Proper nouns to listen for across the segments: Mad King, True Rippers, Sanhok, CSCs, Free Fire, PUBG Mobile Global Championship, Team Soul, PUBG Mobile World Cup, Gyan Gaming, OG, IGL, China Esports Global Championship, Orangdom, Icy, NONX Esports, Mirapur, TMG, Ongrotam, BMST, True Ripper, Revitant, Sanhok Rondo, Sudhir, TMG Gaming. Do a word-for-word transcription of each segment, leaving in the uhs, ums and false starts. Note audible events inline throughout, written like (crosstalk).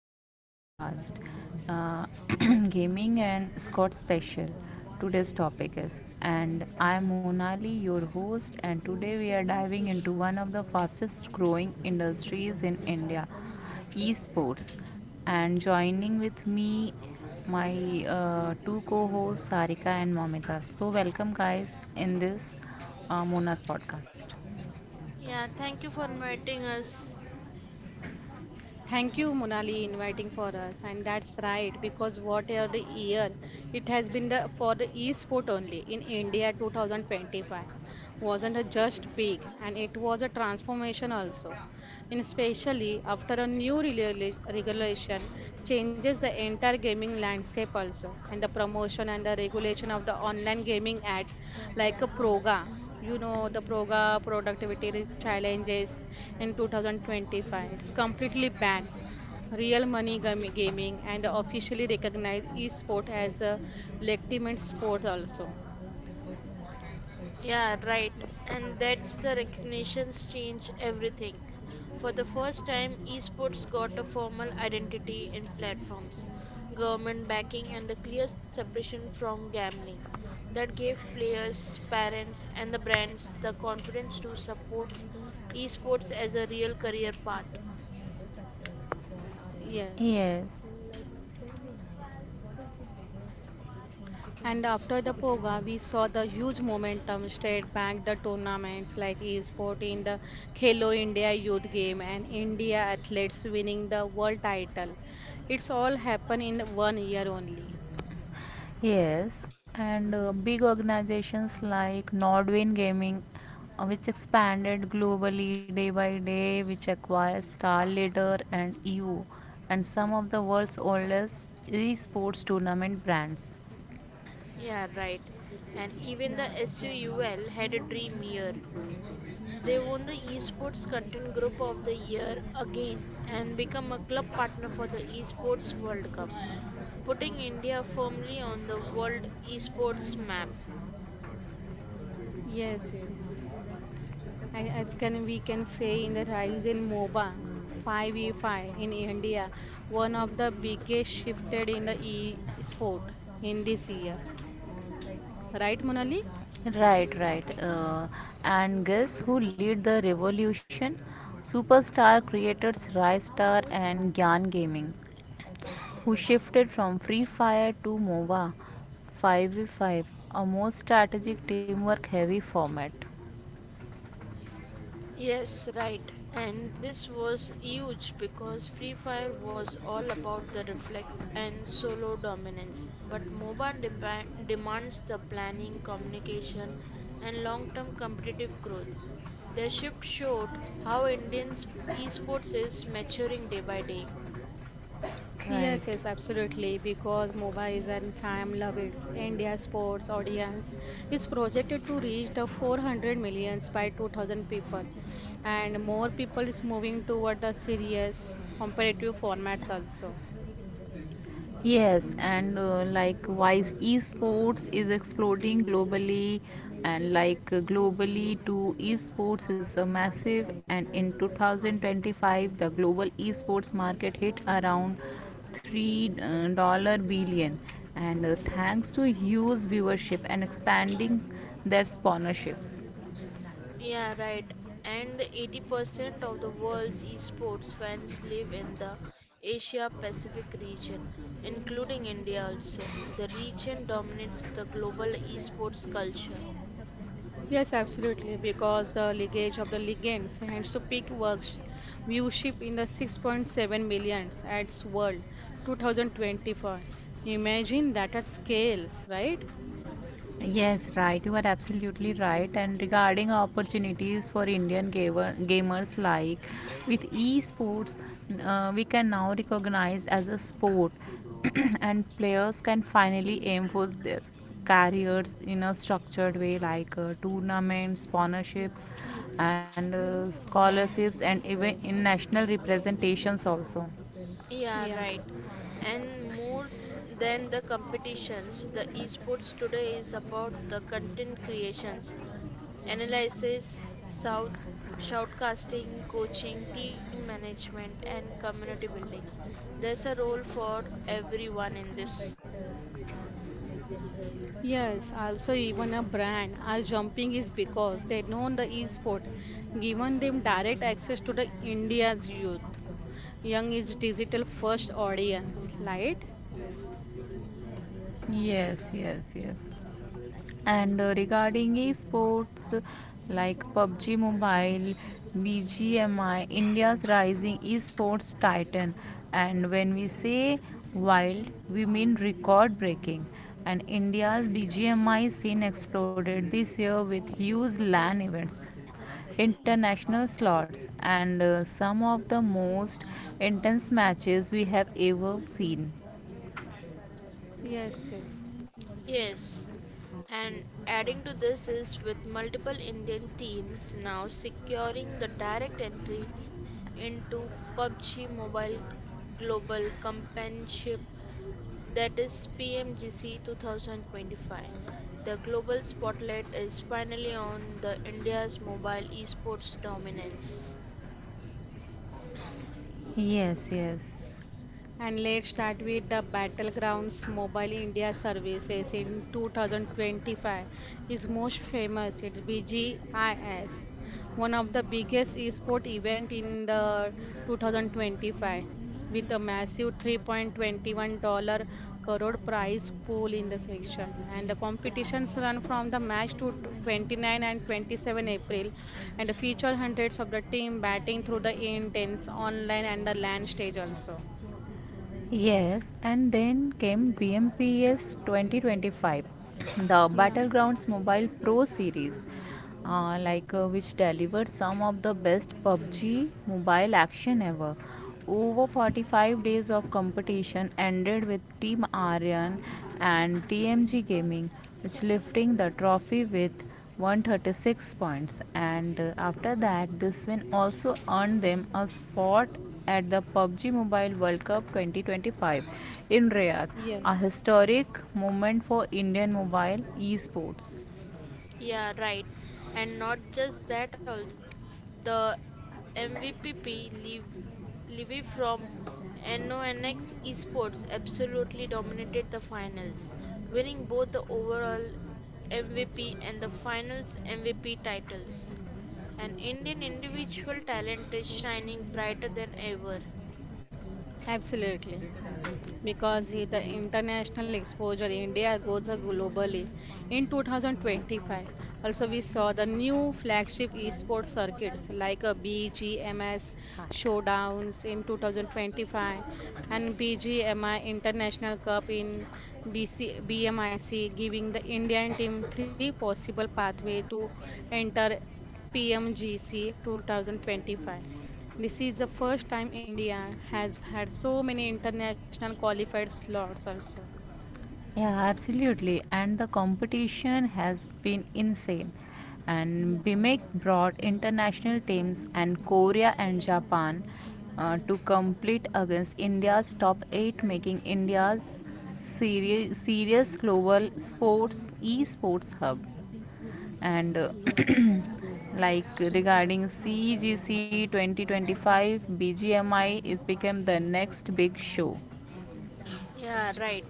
Mona's podcast, uh, (clears throat) gaming and Scott special. Today's topic is, and I am Monali, your host, and today we are diving into one of the fastest growing industries in India, esports. And joining with me, my uh, two co-hosts Sarika and Momita. So welcome guys in this uh, Mona's podcast. Yeah, thank you for inviting us. Thank you, Monali, inviting for us. And that's right, because whatever the year it has been the for the e-sport only in India twenty twenty-five wasn't a just big, and it was a transformation also. And especially after a new regula- regulation changes the entire gaming landscape also, and the promotion and the regulation of the online gaming act, like a proga you know the proga productivity challenges in twenty twenty-five. It's completely banned real money gam- gaming and officially recognized esport as a legitimate sport also. Yeah, right. And that's the recognitions change everything. For the first time, esports got a formal identity in platforms, government backing, and the clear separation from gambling. That gave players, parents, and the brands the confidence to support esports as a real career path. Yes. Yes. And after the Poga, we saw the huge momentum straight back the tournaments like e-sport in the Khelo India Youth Game and India athletes winning the world title. It's all happened in one year only. Yes, and uh, big organizations like Nordwin Gaming, uh, which expanded globally day by day, which acquires Star Leader and E U, and some of the world's oldest esports tournament brands. Yeah, right. And even the S U U L had a dream year. They won the Esports Content Group of the Year again and become a club partner for the Esports World Cup, putting India firmly on the world esports map. Yes, yes. I- As can we can say in the rise in MOBA five v five in India, one of the biggest shifted in the e-sport in this year. Right, Monali? Right, right. Uh, and guess who lead the revolution? Superstar creators Rystar and Gyan Gaming, who shifted from Free Fire to MOBA five v five, a more strategic teamwork heavy format. Yes, right. And this was huge because Free Fire was all about the reflex and solo dominance, but MOBA deba- demands the planning, communication, and long-term competitive growth. Their shift showed how Indian esports is maturing day by day. Right. Yes, yes, absolutely. Because MOBA is an fam love its India sports audience is projected to reach the four hundred millions by two thousand people, and more people is moving toward the serious competitive formats also. Yes, and uh, like wise esports is exploding globally, and like uh, globally too, esports is a massive. And in two thousand twenty-five, the global esports market hit around three uh, dollar billion, and uh, thanks to huge viewership and expanding their sponsorships. Yeah, right. And the eighty percent of the world's esports fans live in the Asia Pacific region, including India also. The region dominates the global esports culture. Yes, absolutely. Because the leakage of the ligands hands to peak works viewership in the six point seven millions at world twenty twenty-four. Imagine that at scales, right? Yes, right. You are absolutely right. And regarding opportunities for Indian gamer, gamers, like with esports, uh, we can now recognize as a sport, (clears throat) and players can finally aim for their careers in a structured way, like uh, tournaments, sponsorship, and uh, scholarships, and even in national representations also. Yeah, Yeah. right. And more than the competitions, the esports today is about the content creations, analysis, shout, shoutcasting, coaching, team management, and community building. There's a role for everyone in this. Yes, also even a brand are jumping is because they know the e-sport, given them direct access to the India's youth. Young is digital first audience, right? Yes, yes, yes. And uh, regarding esports like pub g Mobile, B G M I, India's rising esports titan. And when we say wild, we mean record breaking. And India's B G M I scene exploded this year with huge LAN events, international slots, and uh, some of the most intense matches we have ever seen. Yes, yes. Yes, and adding to this is with multiple Indian teams now securing the direct entry into PUBG Mobile Global Championship. That is P M G C twenty twenty-five. The global spotlight is finally on the India's mobile esports dominance. Yes, yes. And let's start with the Battlegrounds Mobile India services in two thousand twenty-five. It's most famous, it's B G I S, one of the biggest esport event in the two thousand twenty-five with a massive three point two one dollar crore prize pool in the section, and the competitions run from the match to twenty-nine and twenty-seven April, and feature hundreds of the team batting through the intense online and the land stage also. Yes, and then came B M P S twenty twenty-five, the Yeah, Battlegrounds Mobile Pro Series, uh, like uh, which delivered some of the best pub g mobile action ever. Over forty-five days of competition ended with Team Aryan and T M G Gaming, which lifting the trophy with one hundred thirty-six points, and uh, after that this win also earned them a spot at the pub g Mobile World Cup twenty twenty-five in Riyadh, a yes, historic moment for Indian mobile esports. Yeah, right. And not just that, al- the M V P Liv- Livy from N O N X Esports absolutely dominated the finals, winning both the overall M V P and the finals M V P titles. An Indian individual talent is shining brighter than ever. absolutely. Because i- the international exposure India goes uh, globally. In twenty twenty-five, also we saw the new flagship esports circuits like a B G M S showdowns in twenty twenty-five and BGMI International Cup in B C, B M I C, giving the Indian team three possible pathway to enter P M G C twenty twenty-five. This is the first time India has had so many international qualified slots also. Yeah, absolutely. And the competition has been insane. And B M I C brought international teams and Korea and Japan uh, to compete against India's top eight, making India's seri- serious global sports esports hub. And uh, Yeah. (clears throat) like regarding C G C twenty twenty-five, B G M I is become the next big show. Yeah, right.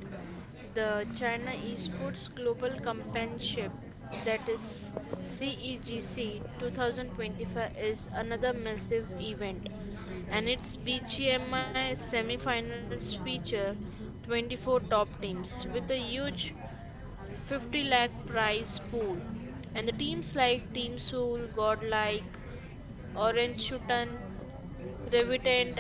The China Esports Global Championship, that is C E G C twenty twenty-five, is another massive event, and its B G M I semifinals feature twenty-four top teams with a huge fifty lakh prize pool. And the teams like Team Soul, Godlike, Orange Shutan, Revitant,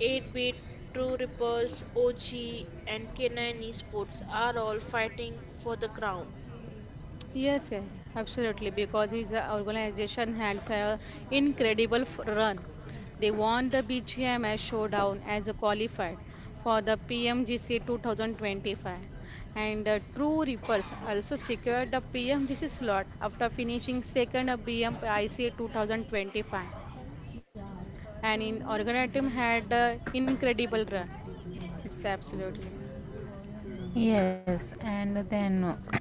eight-bit, True Rippers, O G, and K nine Esports are all fighting for the crown. Yes, yes, absolutely. Because his uh, organization has an incredible f- run. They won the B G M S showdown as a qualified for the P M G C two thousand twenty-five. And the True Rippers also secured the P M G C slot after finishing second at B M I C twenty twenty-five. And in Organatum had an incredible run. It's absolutely. Yes, and then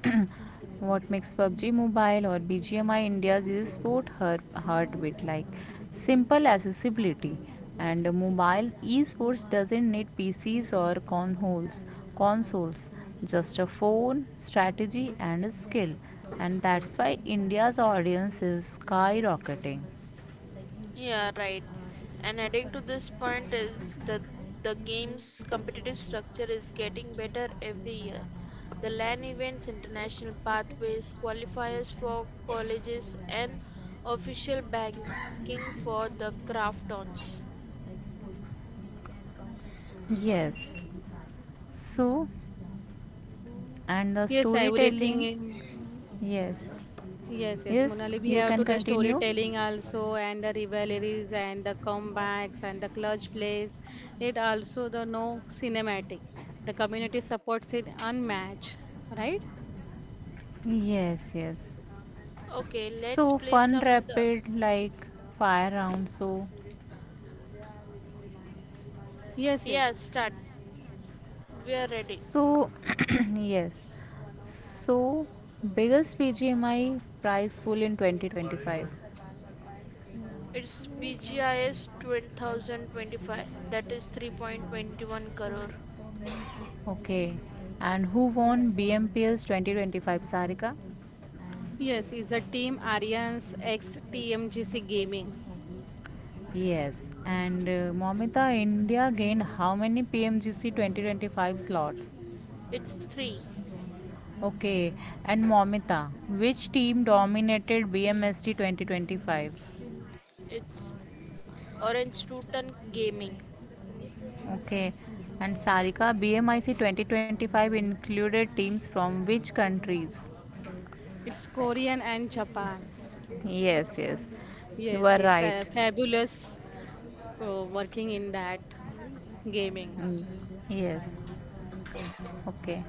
(clears throat) what makes pub g Mobile or B G M I India's e-sport her- heartbeat? Like simple accessibility, and mobile esports doesn't need P Cs or consoles, consoles, just a phone, strategy and a skill, and that's why India's audience is skyrocketing. Yeah, right. And adding to this point is that the game's competitive structure is getting better every year. The LAN events, international pathways, qualifiers for colleges, and official banking for the craftons. Yes. So, and the Yes, I would storytelling, think. yes, Yes, yes, yes, Monali, we you have can to the continue. storytelling also, and the rivalries and the comebacks and the clutch plays. It also the no cinematic. The community supports it unmatched, right? Yes, yes. Okay, let's So play fun, some. The... rapid like fire round. So, Yes, Yeah, yes. start. We are ready. so (clears throat) yes. So biggest P G M I prize pool in twenty twenty-five. It's B G I S two thousand twenty-five, that is three point two one crore. Okay, and who won B M P S twenty twenty-five? Sarika. Yes, it's a team Arians ex T M G C Gaming. Yes, and uh, Momita, India gained how many P M G C twenty twenty-five slots? It's three. Okay, and Momita, which team dominated B M S T twenty twenty-five? It's Orange Tutan Gaming. Okay, and Sarika, B M I C twenty twenty-five included teams from which countries? It's Korean and Japan. Yes, yes, you Yes, are it's a right. fabulous uh, working in that gaming. Mm, yes, okay.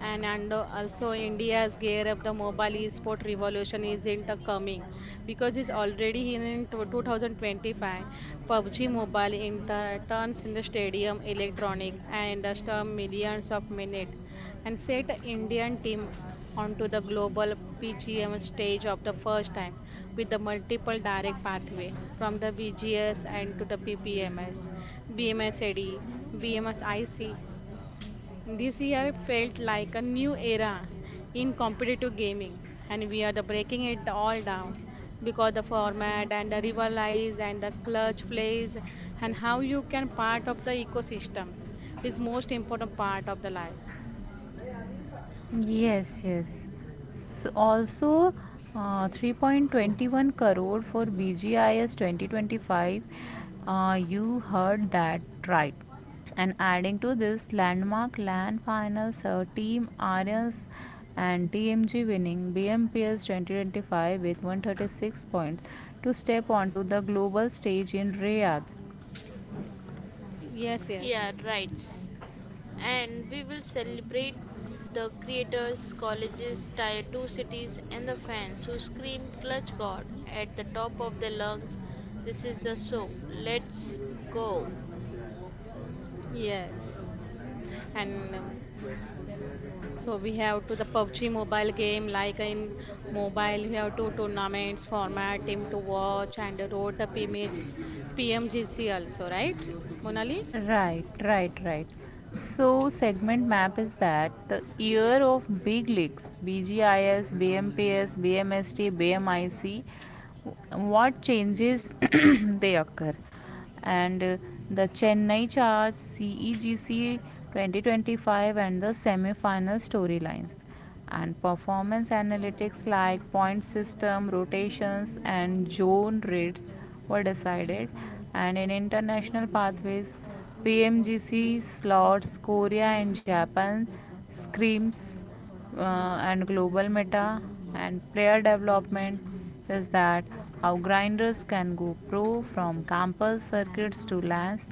and and uh, also India's gear up the mobile e-sport revolution isn't uh, coming because it's already in tw- twenty twenty-five. PUBG Mobile inter- turns in the stadium electronic and uh, storm millions of minutes and set Indian team onto the global P G M stage of the first time with the multiple direct pathway from the BGS and to the PPMS, BMS AD, this year felt like a new era in competitive gaming, and we are the breaking it all down because the format and the rivalize and the clutch plays and how you can part of the ecosystems is most important part of the life. Yes, yes. S also, uh, three point two one crore for B G I S twenty twenty-five. Uh, you heard that right. And adding to this, landmark land finals, uh, Team Aryans and T M G winning B M P S twenty twenty-five with one hundred thirty-six points to step onto the global stage in Riyadh. Yes, yes, Yeah, right. And we will celebrate the creators, colleges, tier two cities, and the fans who scream Clutch God at the top of their lungs. This is the show. Let's go. yes. and um, so we have to the PUBG mobile game, like in mobile we have two tournaments format team to watch and road the PMG, P M G C also, right, Monali? Right, right, right. So segment map is that the year of big leagues: BGIS, BMPS, BMST, BMIC, what changes (coughs) they occur, and uh, the Chennai charge CEGC twenty twenty-five and the semi-final storylines, and performance analytics like point system rotations and zone rates were decided, and in international pathways, PMGC slots, Korea and Japan screams, uh, and global meta and player development is that how grinders can go pro from campus circuits to lands,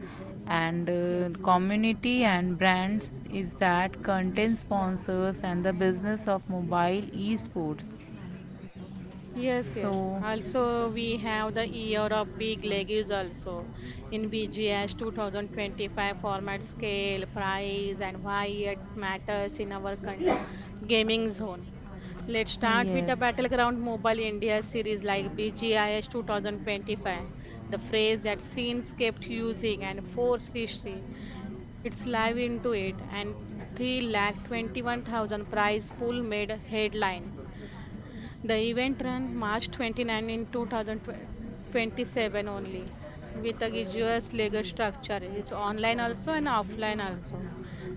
and uh, community and brands is that content sponsors and the business of mobile esports, Yes, yes. so Also, we have the year of big leagues also in B G S two thousand twenty-five format scale, price, and why it matters in our con- gaming zone. Let's start with the yes. Battleground Mobile India series like B G I S twenty twenty-five, the phrase that scenes kept using and force history. It's live into it, and three lakh twenty-one thousand prize pool made headlines. The event ran March 29 in two thousand twenty-seven only with a rigorous legal structure. It's online also and offline also.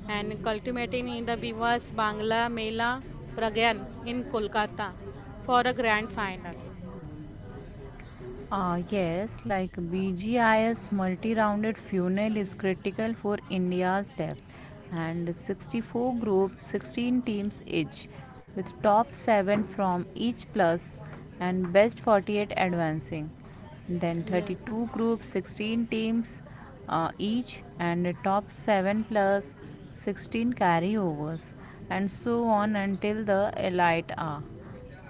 And culminating in the Bivas Bangla Mela Pragyan in Kolkata for a grand final. Uh, yes, like B G I S multi rounded funnel is critical for India's depth, and sixty-four group, sixteen teams each, with top seven from each plus and best forty-eight advancing. Then Yes. thirty-two group, sixteen teams uh, each, and top seven plus sixteen carryovers, and so on until the elite are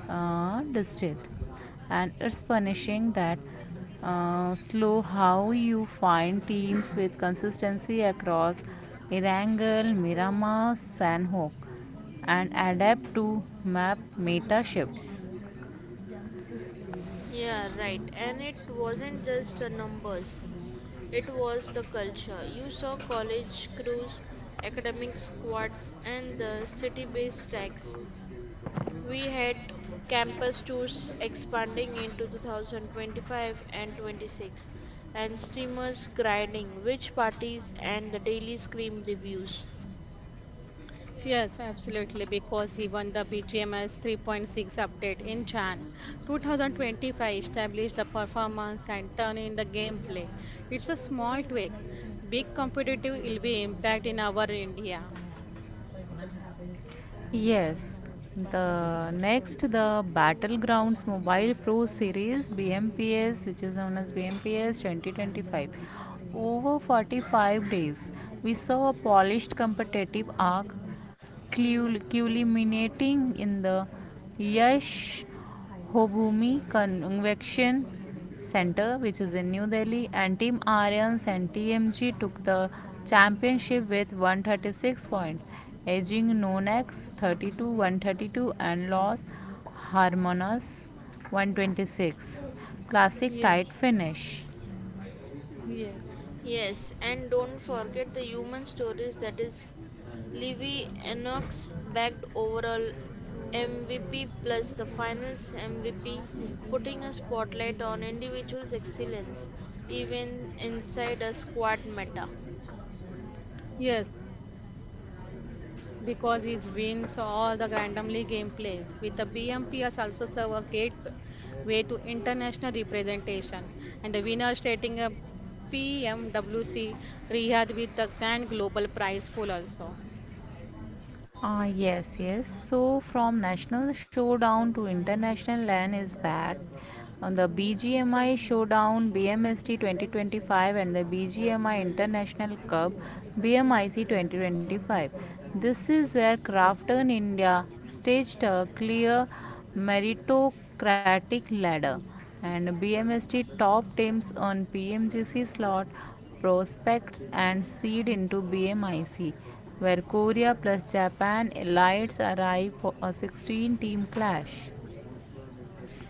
uh, distilled, and it's punishing that uh, slow how you find teams with consistency across Irangal, Miramar, Sanhok and adapt to map meta shifts. Yeah, right. And it wasn't just the numbers. It was the culture. You saw college crews, academic squads, and the city based stacks. We had campus tours expanding into two thousand twenty-five and twenty-six, and streamers grinding which parties and the daily scream reviews. Yes, absolutely, because he won the B G M S three point six update in Chan two thousand twenty-five, established the performance and turn in the gameplay. It's a small tweak, big competitive will be impact in our India. Yes, the next the Battlegrounds Mobile Pro Series B M P S, which is known as B M P S twenty twenty-five. Over forty-five days, we saw a polished competitive arc culminating in the Yash Hobhumi Convection Center, which is in New Delhi, and Team Aryans and T M G took the championship with one hundred thirty-six points, edging Nonex thirty-two, one thirty-two and lost Harmonas one hundred twenty-six. Classic tight Yes, finish. yes. Yes, and don't forget the human stories that is Livy Enochs bagged overall M V P plus the finals M V P, putting a spotlight on individuals' excellence, even inside a squad meta. Yes, because it wins all the randomly game plays. With the B M P S also serve a great way to international representation. And the winner stating a P M W C reward with the grand global prize pool also. Ah, yes, yes. So, from national showdown to international LAN is that on the BGMI showdown B M S T twenty twenty-five and the BGMI International Cup B M I C twenty twenty-five. This is where Crafton India staged a clear meritocratic ladder, and B M S T top teams on P M G C slot prospects and seed into B M I C, where Korea plus Japan elites arrive for a sixteen team clash.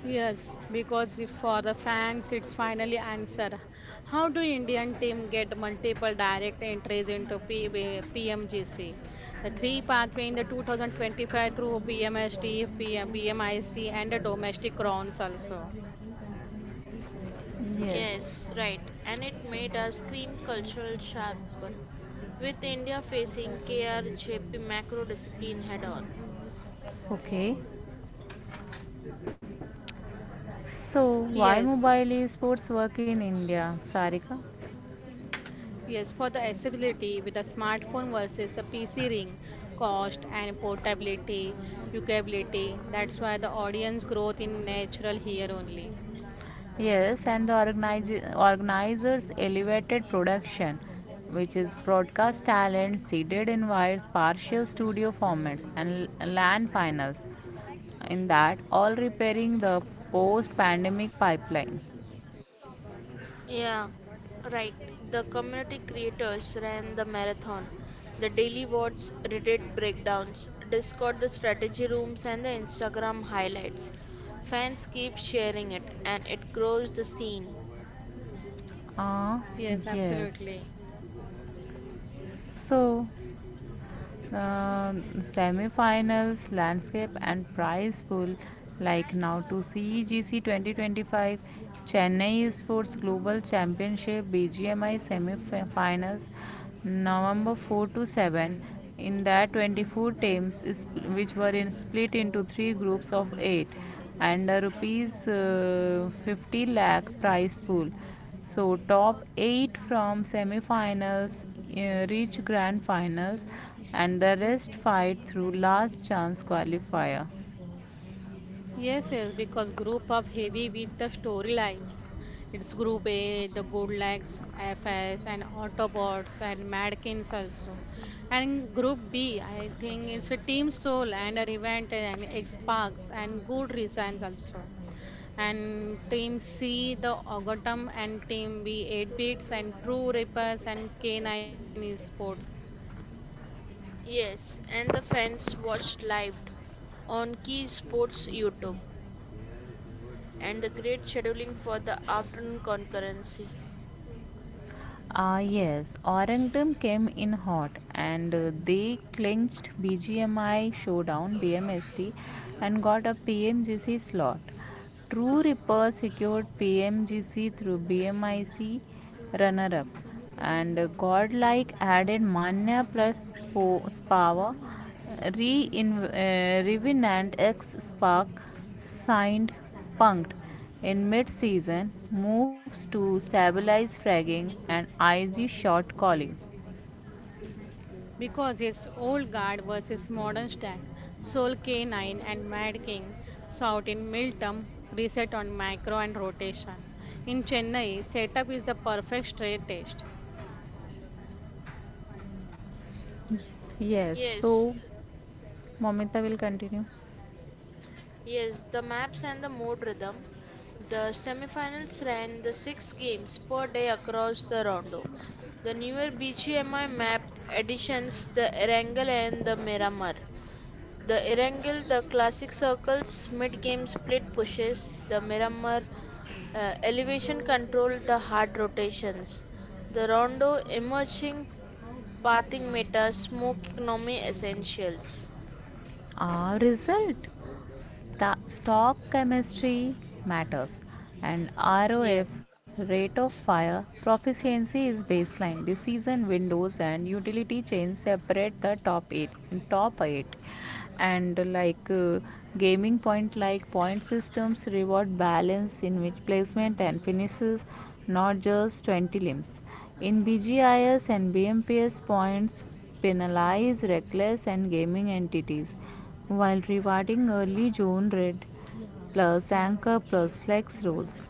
Yes, because if for the fans, it's finally answer. How do Indian team get multiple direct entries into P- B- P M G C? The three pathway in the two thousand twenty-five through B M S D, P M, and the domestic rounds also. Yes. Yes, right, and it made our scream cultural sharper, with India facing K R J P macro discipline head on. Okay, so why Yes, mobile esports work in India, Sarika? yes, for the accessibility with the smartphone versus the P C ring, cost and portability, usability. That's why the audience growth in natural here only. Yes, and the organize- organizers elevated production, which is broadcast talent, seeded invites, partial studio formats, and l- land finals. In that, all repairing the post pandemic pipeline. Yeah, right. The community creators ran the marathon, the daily watts, Reddit breakdowns, Discord the strategy rooms, and the Instagram highlights. Fans keep sharing it, and it grows the scene. Ah, Yes, yes. absolutely. So, uh, semi-finals, landscape and prize pool. Like now to C E G C twenty twenty-five, Chennai Sports Global Championship B G M I semi-finals, November four to seven. In that, twenty-four teams, is, which were in, split into three groups of eight, and a rupees uh, fifty lakh prize pool, so top eight from semifinals uh, reach grand finals, and the rest fight through last chance qualifier. Yes, yes, because group of heavy with the storylines. It's group A, the Goldlax, F S, and Autobots, and Madkins also. And group B, I think it's a Team Soul and a Event and X-Parks and Good Reasons also. And team C the Ogatum and team B eight bits and True Rippers and K nine Esports, Yes, and the fans watched live on Key Sports YouTube, and the great scheduling for the afternoon concurrency. Ah yes, Orangdom came in hot and uh, they clinched B G M I showdown B M S T and got a PMGC slot. True Ripper secured P M G C through B M I C runner up, and Godlike added mana plus po- power. Re-in- uh, Revenant ex Spark signed Punked in mid-season moves to stabilize fragging and Icy short calling. because it's old guard versus modern stack Soul K nine and Mad King South in Miltum reset on macro and rotation in Chennai setup is the perfect straight test. Yes, Yes, so Momita will continue yes, the maps and the mode rhythm. The semifinals ran the six games per day across the rondo. The newer B G M I map additions the Erangel and the Miramar. The Erangel, the classic circles, mid-game split pushes. The Miramar uh, elevation control, the hard rotations. The rondo emerging pathing meta, smoke economy essentials. our result. Sta- stock chemistry matters, and R O F, Yes. rate of fire proficiency is baseline. Decision windows and utility chains separate the top eight top eight, and like uh, gaming point, like point systems reward balance in which placement and finishes, not just twenty limbs, in B G I S and B M P S, points penalize reckless and gaming entities while rewarding early zone red plus anchor plus flex rules.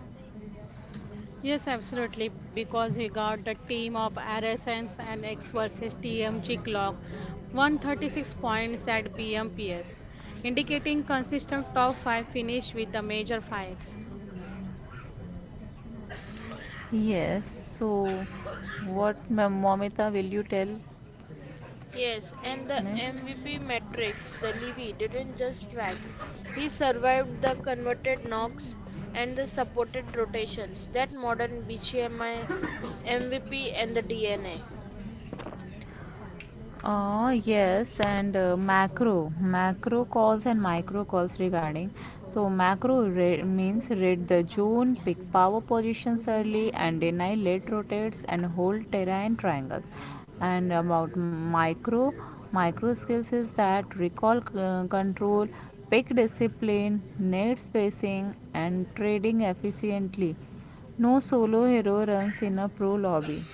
Yes, absolutely, because we got the team of R S Ns and X versus T M G clock one hundred thirty-six points at B M P S, indicating consistent top five finish with the major fights. Yes, so what, Momita, will you tell Yes, and the next? M V P metrics, the Levy didn't just track. He survived the converted knocks and the supported rotations, that modern B G M I, M V P, and the DNA. Uh, yes, and uh, macro, macro calls and micro calls regarding. So macro re- means read the zone, pick power positions early, and deny late rotates and hold terrain triangles. And about micro, micro skills is that recall uh, control, pick discipline, net spacing, and trading efficiently. No solo hero runs in a pro lobby.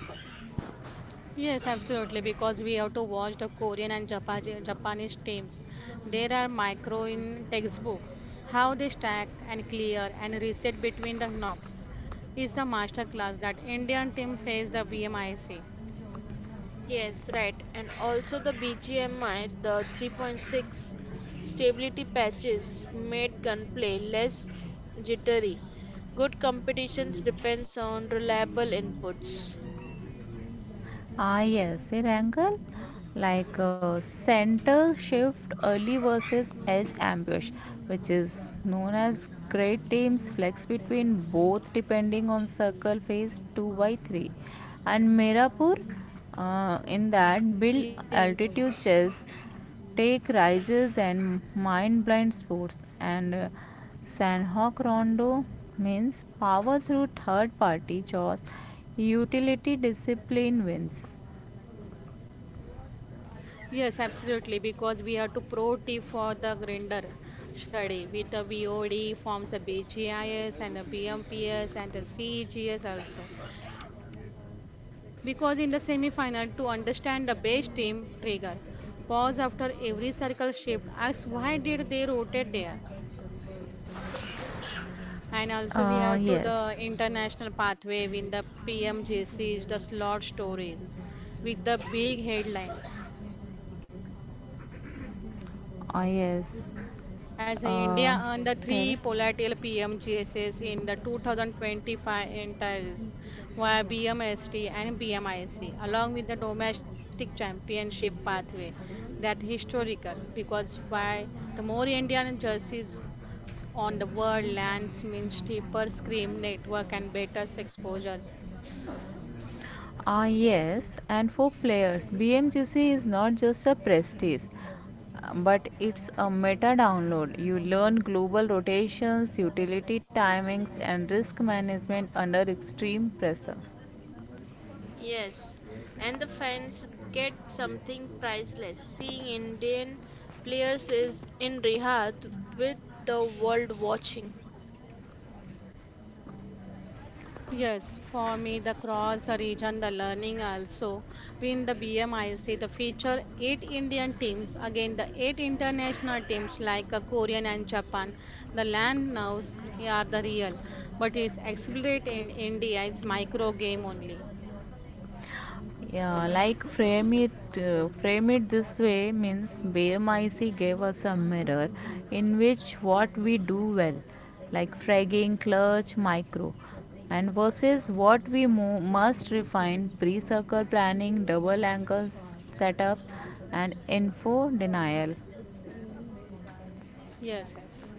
Yes, absolutely, because we have to watch the Korean and Japa- Japanese teams. There are micro in textbook, how they stack and clear and reset between the knocks is the master class that Indian team face the B M I C. Yes, right. And also the B G M I, the three point six stability patches made gunplay less jittery. Good competitions depends on reliable inputs. Ah, yes, an angle like uh, center shift early versus edge ambush, which is known as great teams flex between both depending on circle phase two by three. And Mirapur, uh, in that build Yes. altitude chess, Take Rises and Mind Blind Sports, and uh, Sanhok Rondo means power through third party chores. Utility discipline wins. Yes, absolutely, because we have to pro tip for the grinder study with the V O D forms the BGIS and the BMPS and the C G S also. Because in the semi-final, to Yeah, understand the base team trigger, pause after every circle shift, ask why did they rotate there. And also we Uh, have to the yes. international pathway with the P M J Cs, the slot stories with the big headline. Ah, yes. As a Uh, India earned the three tell. Polatil P M G S S in the two thousand twenty-five entries via B M S T and B M I C, along with the domestic championship pathway. That historical because why the more Indian jerseys on the world lands means deeper screen network and better exposures. Ah, yes. And for players, B M G C is not just a prestige, uh, but it's a meta download. You learn global rotations, utility timings, and risk management under extreme pressure. Yes, and the fans get something priceless. Seeing Indian players is in Riyadh with the world watching. Yes, for me, the cross, the region, the learning also. In the B M I C, the feature eight Indian teams, again the eight international teams like uh, Korean and Japan. The land nows are the real, but is exhibited in India is micro game only. Yeah, like frame it, uh, frame it this way means B M I C gave us a mirror in which what we do well, like fragging, clutch, micro, and versus what we mo- must refine pre-circle planning, double angle setups, and info denial. Yes, yes.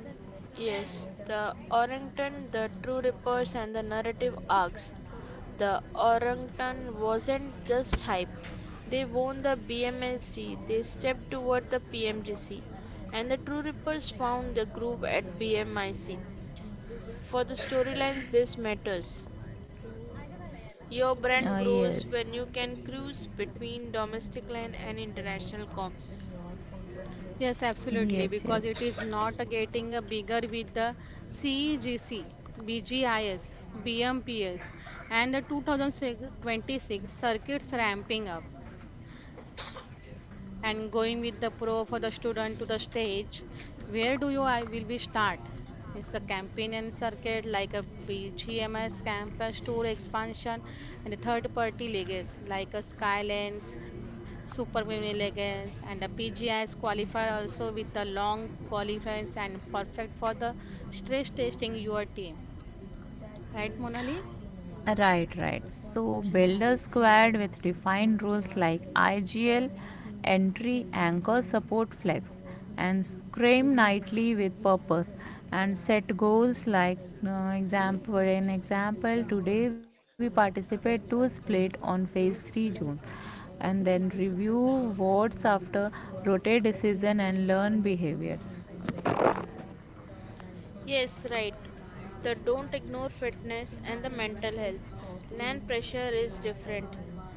Yes, the orangutan, the true rippers, and the narrative arcs. The orangutan wasn't just hype. They won the B M S D. They stepped toward the P M G C, and the true rippers found the groove at B M I C. For the storylines, this matters. Your Uh, brand grows yes. when you can cruise between domestic land and international comps. Yes, absolutely, Yes, because it yes. is not getting a bigger with the C E G C, B G I S, B M P S, and the two thousand twenty-six circuits ramping up. And going with the pro for the student to the stage. Where do you I will we start? It's the campaign and circuit like a B G M S campus tour expansion and a third party leagues like a Skylens, Super Mini leagues and a P G I S qualifier also with the long qualifiers and perfect for the stress testing your team. Right, Monali? Right, right. So build squared with defined rules like I G L, entry, anchor, support, flex, and scream nightly with purpose. And set goals like uh, example. An example, today we participate to split on phase three zones, and then review wards after rotate decision and learn behaviors. Yes, right. The don't ignore fitness and the mental health. Land pressure is different.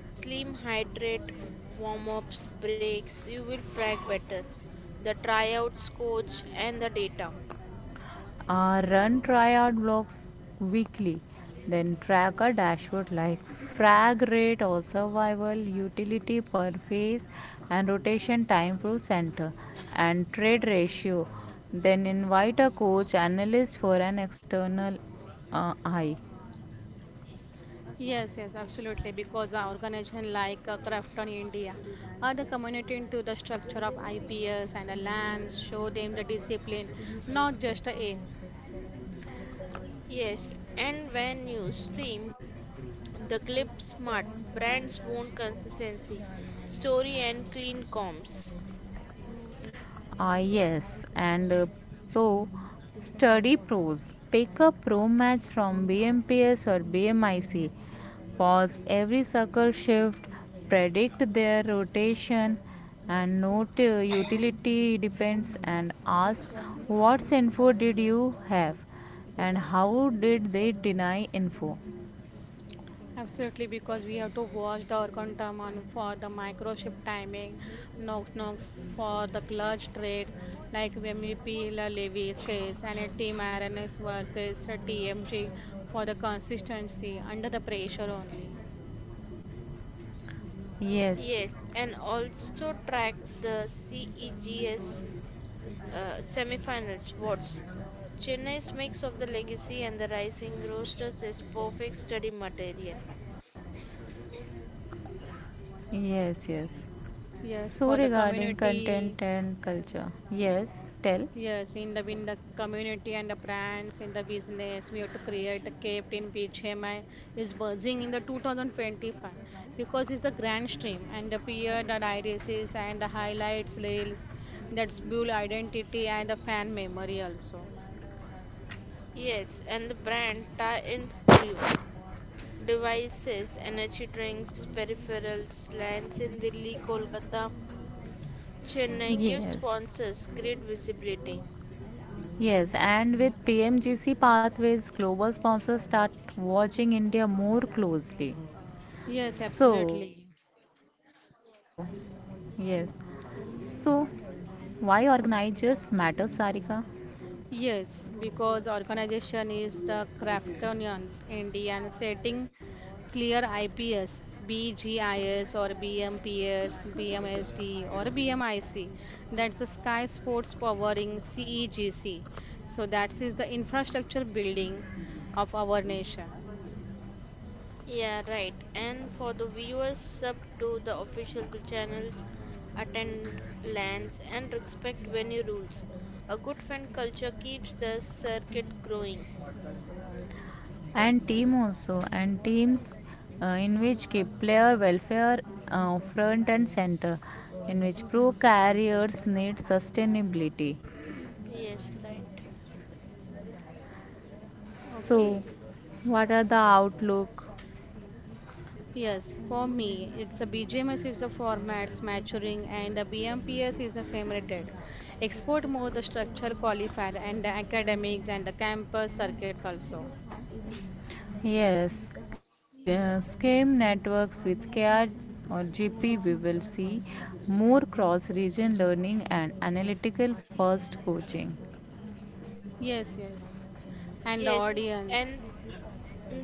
Slim hydrate, warm ups, breaks, you will frag better. The tryouts, coach, and the data. uh, run triad blocks weekly, then track a dashboard like frag rate or survival utility per phase and rotation time through center and trade ratio, then invite a coach analyst for an external uh, eye. Yes, yes, absolutely. Because our organization like uh, Crafton India, uh, the community into the structure of I P S and the lands, show them the discipline, not just the aim. Yes, and when you stream, the clip smart, brands want consistency, story, and clean comps. Ah, yes, and uh, so study pros. Pick up pro match from B M P S or B M I C. Pause every circle shift, predict their rotation, and note uh, utility depends, and ask what's info did you have and how did they deny info. Absolutely, because we have to watch the organ terminal for the microchip timing, Knox Knox for the clutch trade, like M E P La Levy's case, and a team R N S versus a T M G for the consistency under the pressure only. Yes, Yes, and also track the C E G S uh, semifinals. What's Chennai's mix of the legacy and the rising roasters is perfect study material. yes, yes. Yes, So for the regarding community. content and culture, yes, tell. Yes, in the in the community and the brands in the business, we have to create a cape in B G M I is buzzing in the two thousand twenty-five because it's the grand stream and the peer the irises and the highlights reels that's build identity and the fan memory also. Yes, and the brand tie-ins grew. Devices, energy drinks, peripherals, lands in Delhi, Kolkata. Chennai gives Yes. sponsors great visibility. Yes, and with P M G C pathways, global sponsors start watching India more closely. Yes, So, absolutely. yes, so why organizers matter, Sarika, Yes, because organization is the Craftonians Indian setting clear IPS, BGIS or BMPS, BMSD or BMIC. That's the Sky Sports powering C E G C. So that is the infrastructure building of our nation. Yeah, right. And for the viewers, sub to the official channels, attend lands, and respect venue rules. A good fan culture keeps the circuit growing. and team also, and teams uh, in which keep player welfare uh, front and center, in which pro carriers need sustainability. Yes, right. So, Okay. what are the outlook? Yes, for me, it's a B G M S is the formats maturing and the B M P S is the same rated. Export more the structure qualifier and the academics and the campus circuits also. Yes, uh, scheme networks with C A D or G P, we will see more cross region learning and analytical first coaching. Yes, yes. And the Yes, audience. and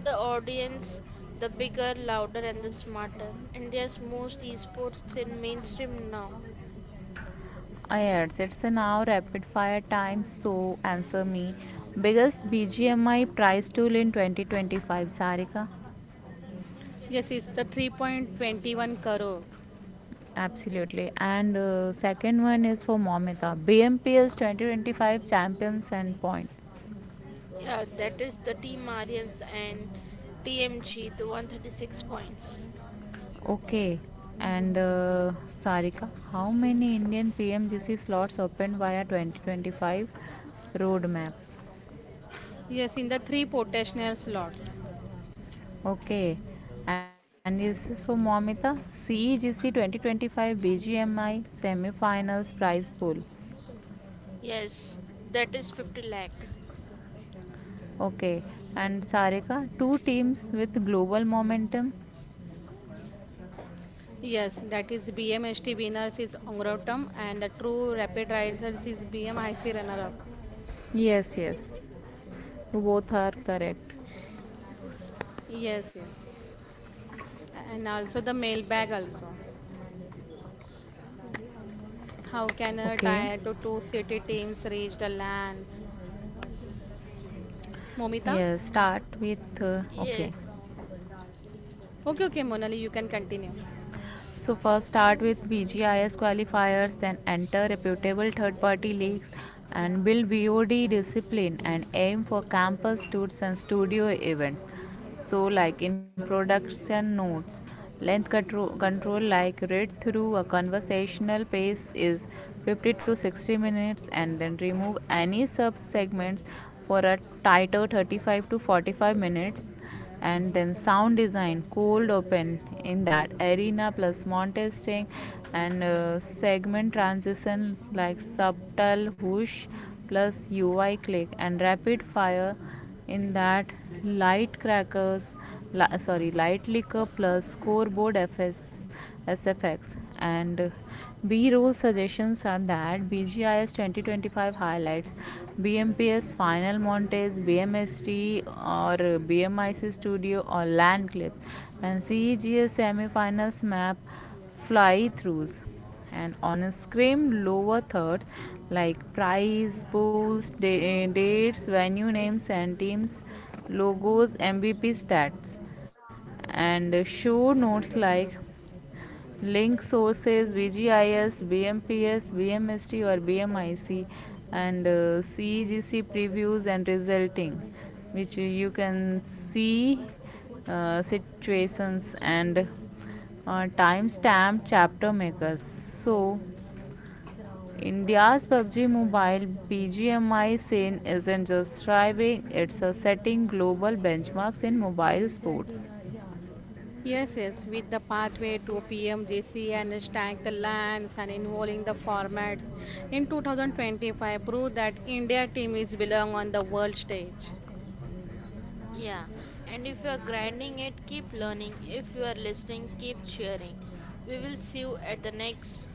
the audience, the bigger, louder, and the smarter. India's most esports in mainstream now. Yes, it's an hour rapid fire time, so answer me. Biggest B G M I prize tool in twenty twenty-five, Sarika? Yes, the it's the study in the three point two one crore. Absolutely. And uh, second one is for Momita. B M P L's twenty twenty-five champions and points. Yeah, that is the Team Aryans and T M G, the one thirty-six points. Okay. And uh, Sarika, how many Indian P M G C slots opened via twenty twenty-five roadmap? Yes, in the three potential the slots. Normal. Okay. And this is for Momita. C E G C twenty twenty-five B G M I semi-finals prize pool. Yes, that is fifty lakh. Okay. And Sarika, two teams with global momentum. Yes, that is B M S T winners is Ongrotam and the true rapid risers is B M I C runner up. Yes, yes. Both are correct. Yes, yes. And also the mailbag also. How can a Okay. tier to two city teams reach the lands? Momita? Yes. Start with uh, okay. Yes, Okay, okay, Monali, you can continue. So first start with B G I S qualifiers, then enter reputable third-party leagues, and build V O D discipline, and aim for campus tours and studio events. So like in production notes, length control, control like read through a conversational pace is fifty to sixty minutes, and then remove any sub segments for a tighter thirty-five to forty-five minutes, and then sound design cold open in that arena plus montesting, and uh, segment transition like subtle whoosh plus UI click, and rapid fire in that light crackers, li- sorry light liquor plus scoreboard fs S F X. And uh, B roll suggestions are that B G I S twenty twenty-five highlights, BMPS final montes, B M S T or BMIC studio or land clips, and C E G S semifinals map fly throughs. And on a scrim, lower thirds like price, pools, da- eh, dates, venue names, and teams, logos, M V P stats, and show notes like link sources VGIS, BMPS, BMST or BMIC, and uh, CEGC previews and resulting, which you- you can see uh, situations and uh, timestamp chapter makers, so India's PUBG Mobile PGMI scene isn't just thriving, it's a setting global benchmarks in mobile sports. Yes, yes, with the pathway to P M J C and stack the lands and involving the formats in two thousand twenty-five prove that India team is belong on the world stage. yeah. And if you are grinding it, keep learning. If you are listening, keep cheering. We will see you at the next drop.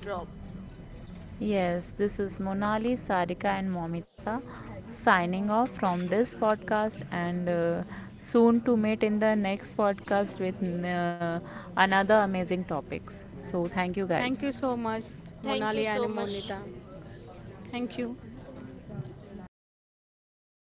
Yes, this is Monali, Sarika, and Momita, signing off from this podcast, and uh, soon to meet in the next podcast with uh, another amazing topics. So, thank you guys. Thank you so much, Thank you Monali so and much. Monita. Thank you.